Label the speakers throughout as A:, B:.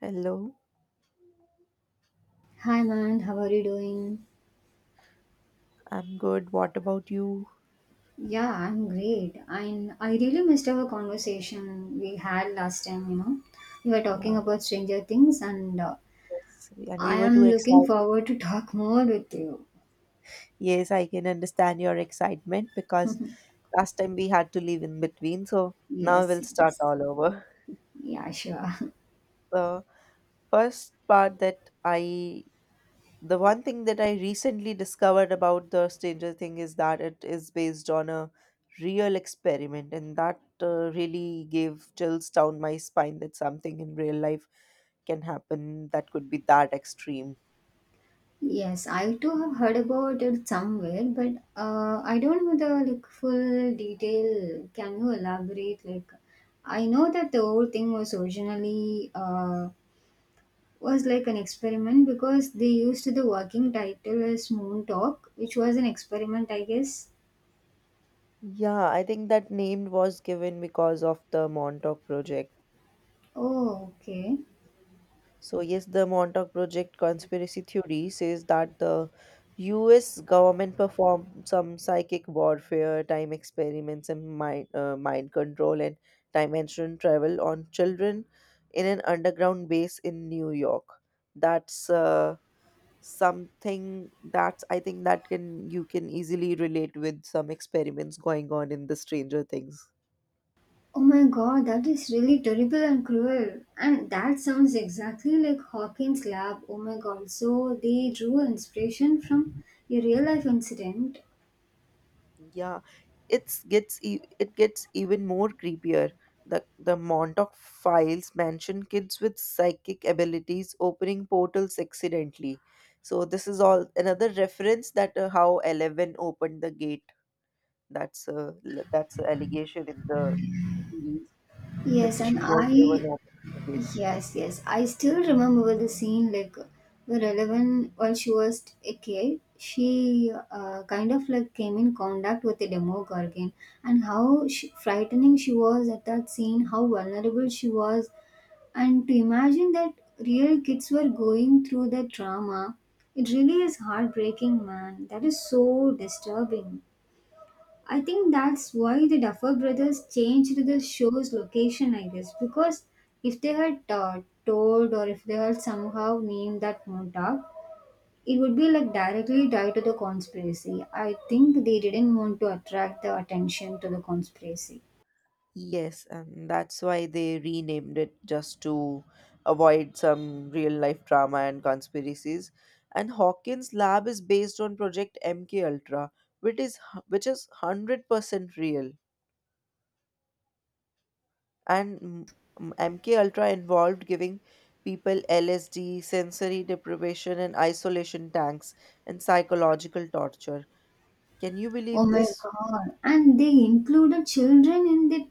A: Hello,
B: Hi man, how are you doing?
A: I'm good. What about you?
B: Yeah, I'm great. And I really missed our conversation we had last time. We were talking
A: Yeah,
B: about Stranger Things and
A: yes, and we
B: I
A: were too
B: am looking
A: excited.
B: forward to talk more with you.
A: Yes, I can understand your excitement because last time we had to leave in between, so now we'll
B: Yes,
A: start
B: yes.
A: all over.
B: Yeah, sure.
A: The first part that I, the one thing that I recently discovered about the Stranger Thing is that it is based on a real experiment, and that really gave chills down my spine that something in real life can happen that could be that extreme.
B: Yes, I too have heard about it somewhere, but I don't know the like full detail. Can you elaborate? Like, I know that the whole thing was originally was like an experiment because they used the working title as Moon Talk, which was an experiment, I guess.
A: Yeah, I think that name was given because of the Montauk Project.
B: Oh, okay.
A: So, yes, the Montauk Project conspiracy theory says that the US government performed some psychic warfare, time experiments, and mind control and dimension travel on children in an underground base in New York. That's something that's, I think that can you can easily relate with some experiments going on in the Stranger Things.
B: Oh my god, that is really terrible and cruel. And that sounds exactly like Hawkins' lab. Oh my god, so they drew inspiration from a real life incident.
A: Yeah, it gets even more creepier. The Montauk files mention kids with psychic abilities opening portals accidentally, so this is all another reference that, how 11 opened the gate. That's a that's a allegation in the series that
B: Yes,
A: she
B: and
A: was the one
B: I.
A: opening the gate.
B: Yes, yes. I still remember the scene like where Eleven, while she was a kid, she kind of like came in contact with a demogorgon and how frightening she was at that scene, how vulnerable she was. And to imagine that real kids were going through that trauma, it really is heartbreaking, man. That is so disturbing. I think that's why the Duffer Brothers changed the show's location, I guess, because if they had told or if they had somehow named that Montauk, it would be like directly tied to the conspiracy. I think they didn't want to attract the attention to the conspiracy.
A: Yes, and that's why they renamed it just to avoid some real life drama and conspiracies. And Hawkins Lab is based on Project MK Ultra, which is 100% real. And MK Ultra involved giving people LSD, sensory deprivation and isolation tanks and psychological torture. Can you
B: Oh
A: believe
B: my
A: this?
B: god! And they included children in the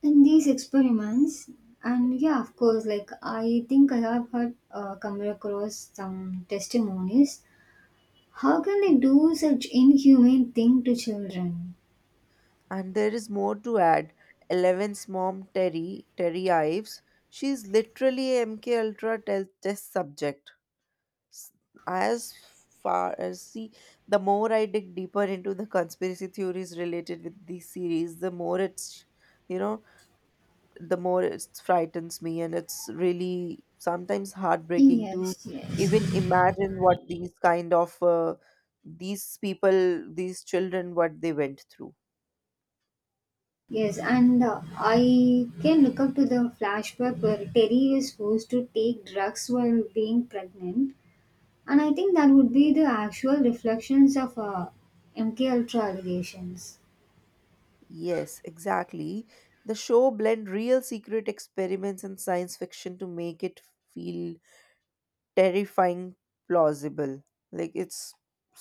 B: in these experiments. And yeah, of course, like I think I have had come across some testimonies. How can they do such inhumane thing to children?
A: And there is more to add. Eleven's mom, Terry, Terry Ives, she's literally a MK Ultra test subject. S- As far as see, the more I dig deeper into the conspiracy theories related with these series, the more you know, the more it frightens me, and it's really sometimes heartbreaking to
B: Yes, yes,
A: even imagine what these kind of, these people, these children, what they went through.
B: yes. And I can look up to the flashback where Terry is forced to take drugs while being pregnant, and I think that would be the actual reflections of MK Ultra allegations.
A: Yes, exactly. The show blend real secret experiments and science fiction to make it feel terrifying plausible. Like, it's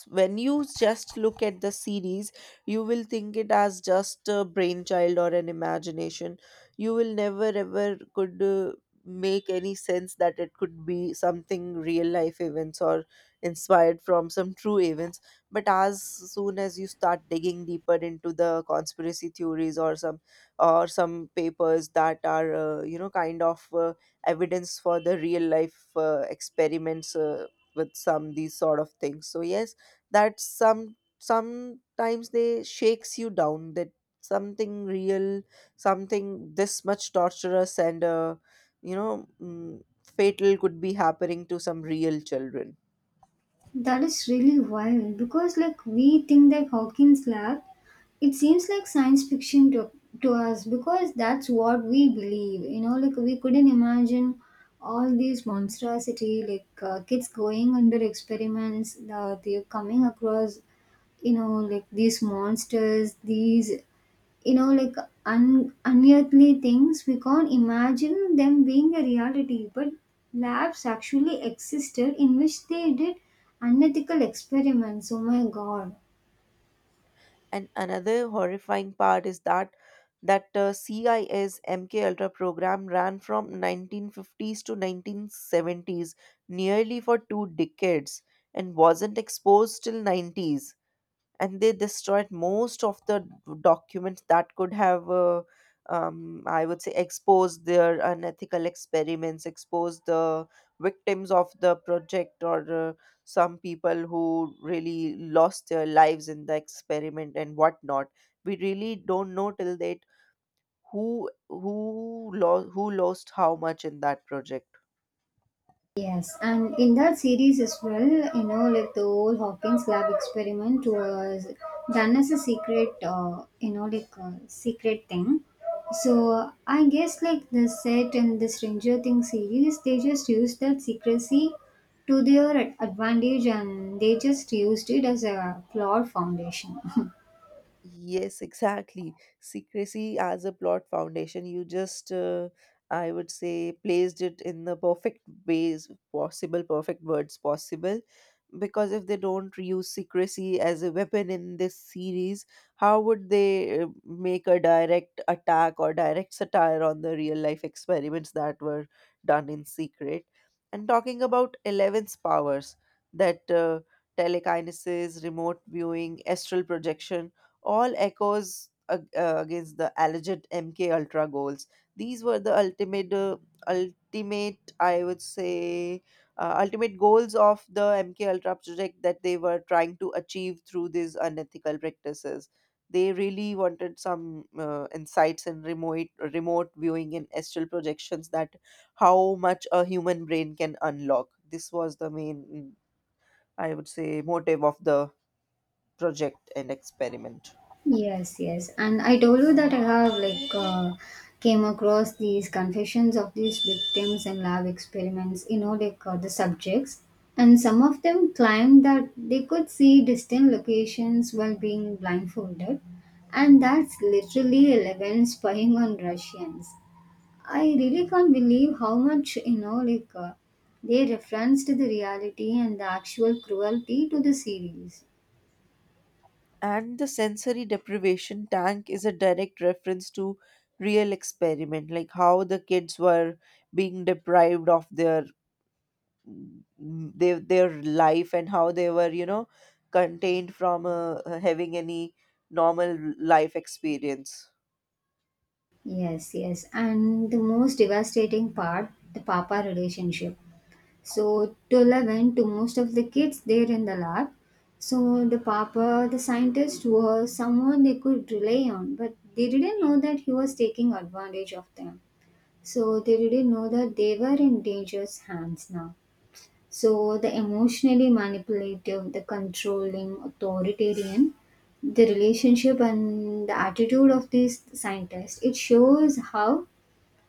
A: when you just look at the series, you will think it as just a brainchild or an imagination. You will never ever could make any sense that it could be something real life events or inspired from some true events. But as soon as you start digging deeper into the conspiracy theories or some papers that are, you know, kind of, evidence for the real life experiments, with some these sort of things. So yes, that sometimes they shakes you down, that something real, something this much torturous and, you know mm, fatal could be happening to some real children.
B: That is really wild because, like, we think that Hawkins lab, it seems like science fiction to us because that's what we believe. You know, like, we couldn't imagine all these monstrosity, kids going under experiments, they're coming across, you know, like, these monsters, these you know like unearthly things we can't imagine them being a reality, but labs actually existed in which they did unethical experiments. Oh my god.
A: And another horrifying part is that CISMK Ultra program ran from 1950s to 1970s, nearly for 2 decades, and wasn't exposed till 90s. And they destroyed most of the documents that could have, I would say, exposed their unethical experiments, exposed the victims of the project, or, some people who really lost their lives in the experiment and whatnot. We really don't know till date who lost how much in that project.
B: Yes, and in that series as well, you know, like the whole Hawkins lab experiment was done as a secret, like a secret thing. So I guess like the set and the Stranger Things series, they just used that secrecy to their advantage, and they just used it as a plot foundation.
A: Yes, exactly. Secrecy as a plot foundation, you just, I would say, placed it in the perfect ways possible, perfect words possible. Because if they don't use secrecy as a weapon in this series, how would they make a direct attack or direct satire on the real life experiments that were done in secret? And talking about Eleven's powers, that, telekinesis, remote viewing, astral projection all echoes against the alleged MK Ultra goals. These were the ultimate, I would say, ultimate goals of the MK Ultra project that they were trying to achieve through these unethical practices. They really wanted some insights in remote viewing and astral projections, that how much a human brain can unlock. This was the main, I would say, motive of the project and experiment.
B: Yes, yes. And I told you that I have like came across these confessions of these victims and lab experiments, you know, like the subjects. And some of them claimed that they could see distant locations while being blindfolded. And that's literally 11 spying on Russians. I really can't believe how much, you know, like they referenced the reality and the actual cruelty to the series.
A: And the sensory deprivation tank is a direct reference to real experiment, like how the kids were being deprived of mm, their life, and how they were, contained from, having any normal life experience.
B: Yes, yes. And the most devastating part, the papa relationship. So, to 11, to most of the kids there in the lab, so the papa, the scientist, was someone they could rely on, but they didn't know that he was taking advantage of them. So, they didn't know that they were in dangerous hands now. So, the emotionally manipulative, the controlling, authoritarian, the relationship and the attitude of these scientists, it shows how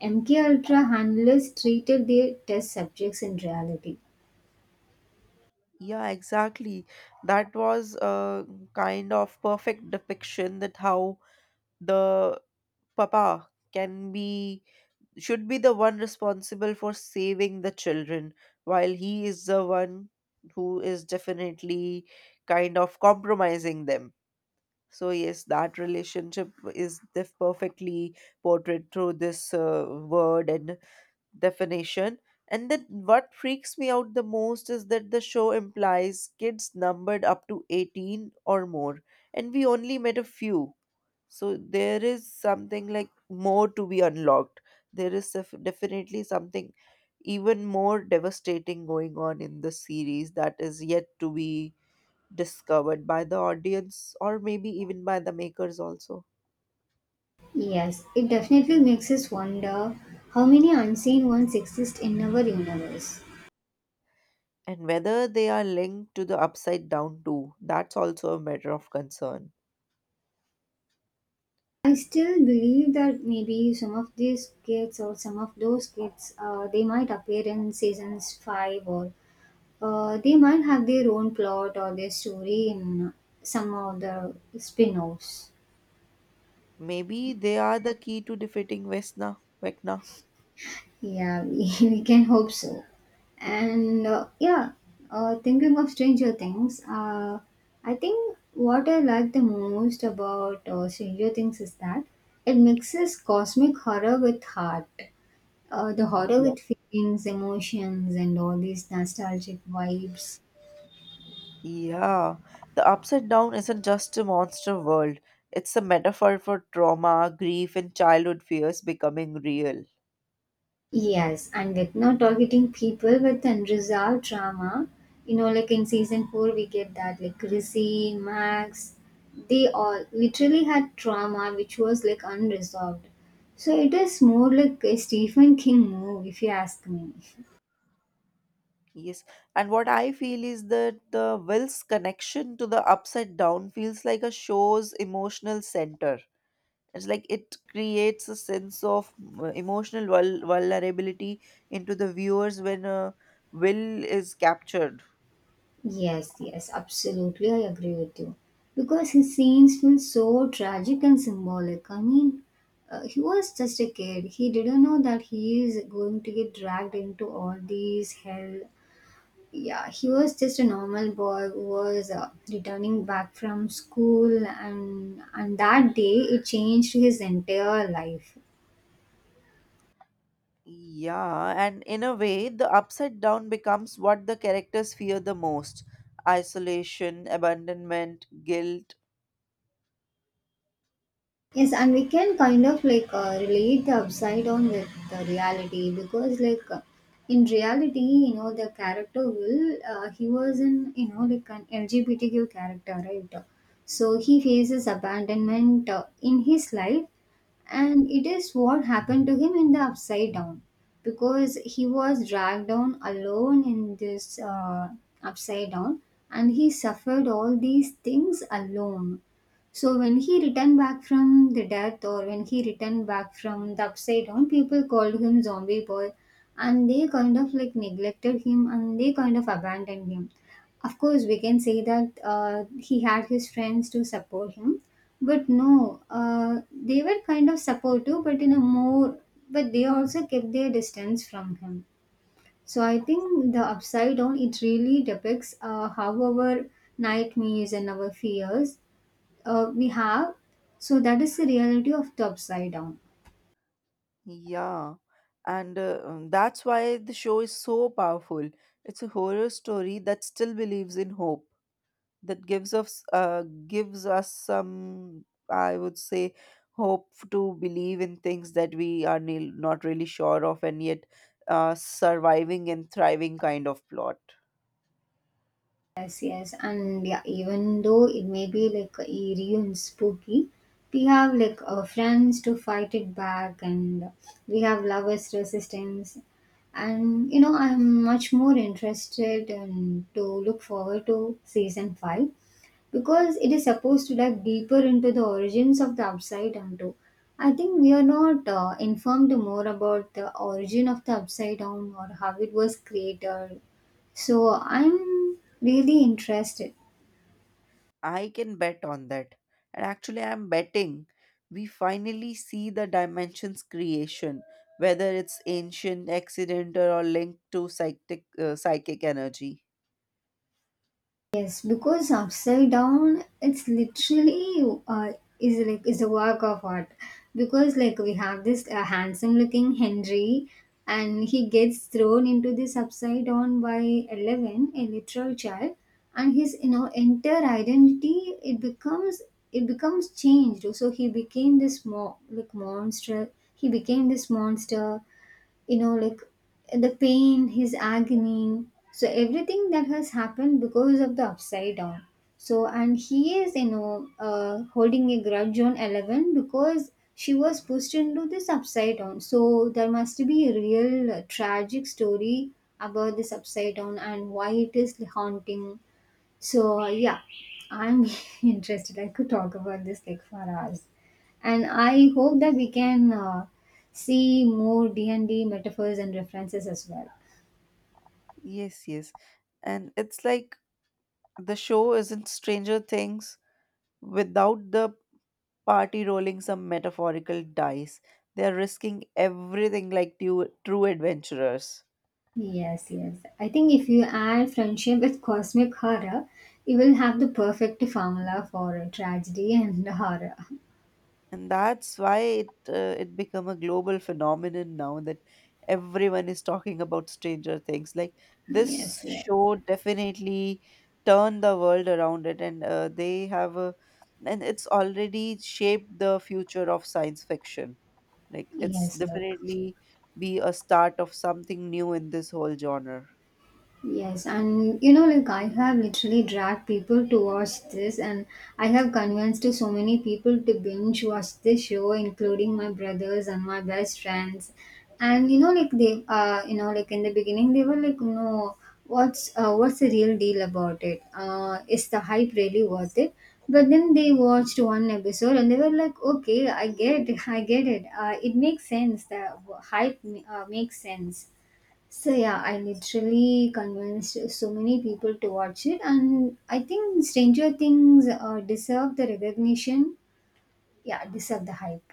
B: MKUltra handlers treated their test subjects in reality.
A: Yeah, exactly, that was a kind of perfect depiction, that how the papa can be should be the one responsible for saving the children, while he is the one who is definitely kind of compromising them. So yes, that relationship is perfectly portrayed through this, word and definition. And then what freaks me out the most is that the show implies kids numbered up to 18 or more, and we only met a few. So there is something like more to be unlocked. There is definitely something even more devastating going on in the series that is yet to be discovered by the audience, or maybe even by the makers also.
B: Yes, it definitely makes us wonder how many unseen ones exist in our universe.
A: And whether they are linked to the upside down too, that's also a matter of concern.
B: I still believe that maybe some of these kids or some of those kids, they might appear in seasons five or they might have their own plot or their story in some of the spin-offs.
A: Maybe they are the key to defeating Vecna.
B: Yeah, we, we can hope so. And yeah, thinking of Stranger Things, I think what I like the most about Stranger Things is that it mixes cosmic horror with heart. The horror with feelings, emotions, and all these nostalgic vibes.
A: Yeah, the upside down isn't just a monster world, it's a metaphor for trauma, grief, and childhood fears becoming real.
B: Yes, and with not targeting people with unresolved trauma, you know, like in season four, we get that like Chrissy, Max, they all literally had trauma which was like unresolved. So it is more like a Stephen King move, if you ask me.
A: Yes, and what I feel is that the Will's connection to the upside down feels like a show's emotional center. It's like it creates a sense of, emotional vulnerability into the viewers when, Will is captured.
B: Yes, yes, absolutely, I agree with you. Because his scenes feel so tragic and symbolic. I mean, he was just a kid. He didn't know that he is going to get dragged into all these hell. Yeah, he was just a normal boy who was returning back from school, and that day it changed his entire life.
A: Yeah, and in a way, the upside down becomes what the characters fear the most: isolation, abandonment, guilt.
B: Yes, and we can kind of like relate the upside down with the reality, because like in reality, you know, the character will he was an you know like an LGBTQ character, right? So he faces abandonment in his life, and it is what happened to him in the upside down because he was dragged down alone in this upside down, and he suffered all these things alone. So when he returned back from the death or when he returned back from the upside down, people called him zombie boy, and they kind of like neglected him and they kind of abandoned him. Of course, we can say that he had his friends to support him, but no, they were kind of supportive, but in a more, but they also kept their distance from him. So I think the upside down, it really depicts how our nightmares and our fears we have. So that is the reality of the upside down.
A: Yeah, and, that's why the show is so powerful. It's a horror story that still believes in hope, that gives us some, I would say, hope to believe in things that we are, not really sure of, and yet, surviving and thriving kind of plot.
B: Yes, yes, and yeah, even though it may be like eerie and spooky, we have like our friends to fight it back, and we have lovers' resistance. And you know, I'm much more interested and to look forward to season five because it is supposed to dive deeper into the origins of the upside down too. I think we are not informed more about the origin of the upside down or how it was created. So I'm really interested.
A: I can bet on that. And actually, I'm betting we finally see the dimensions creation, whether it's ancient, accidental, or linked to psychic energy.
B: Yes, because upside down, it's literally is like is a work of art. Because like we have this handsome looking Henry, and he gets thrown into this upside down by Eleven, a literal child, and his you know entire identity it becomes changed. So he became this like monster. He became this monster, you know, like the pain, his agony. So everything that has happened because of the upside down, so and he is you know holding a grudge on 11 because she was pushed into this upside down. So there must be a real tragic story about this upside down and why it is haunting. So yeah, I'm interested. I could talk about this like for hours, and I hope that we can see more D&D metaphors and references as well.
A: Yes, yes. And it's like the show isn't Stranger Things without the party rolling some metaphorical dice. They're risking everything like true, true adventurers.
B: Yes, yes. I think if you add friendship with cosmic horror, you will have the perfect formula for tragedy and horror.
A: And that's why it become a global phenomenon now, that everyone is talking about Stranger Things. Like, this
B: Yes, yes,
A: show definitely turned the world around it, and it's already shaped the future of science fiction. Like, it's
B: yes, like.
A: definitely be a start of something new in this whole genre.
B: Yes, and you know, like I have literally dragged people to watch this, and I have convinced so many people to binge watch this show, including my brothers and my best friends. And you know, like they, you know, like in the beginning, they were like, "No, what's the real deal about it? Is the hype really worth it?" But then they watched one episode and they were like, "Okay, I get, I get it. It makes sense. The hype makes sense." So yeah, I literally convinced so many people to watch it, and I think Stranger Things deserve the recognition. Yeah, deserve the hype.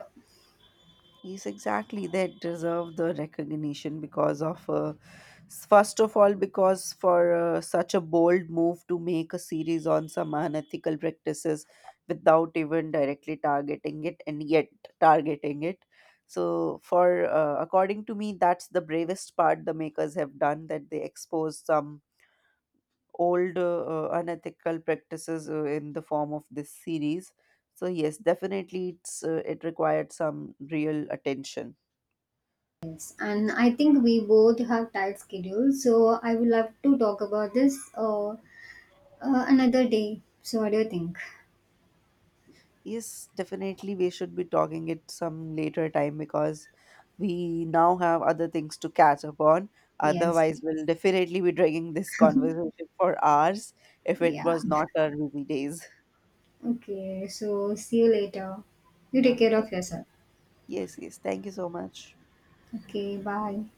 A: Yes, exactly. They deserve the recognition because of, first of all, because for such a bold move to make a series on some unethical practices without even directly targeting it, and yet targeting it. So, for, according to me, that's the bravest part the makers have done, that they expose some old, unethical practices, in the form of this series. So yes, definitely, it required some real attention.
B: Yes, and I think we both have tight schedules, so I would love to talk about this another day. So what do you think?
A: Yes, definitely we should be talking it some later time, because we now have other things to catch up on.
B: Yes.
A: Otherwise, we'll definitely be dragging this conversation for hours if it
B: Yeah.
A: was not our busy days.
B: Okay. So see you later. You
A: Yeah.
B: take care of yourself.
A: Yes, yes. Thank you so much.
B: Okay. Bye.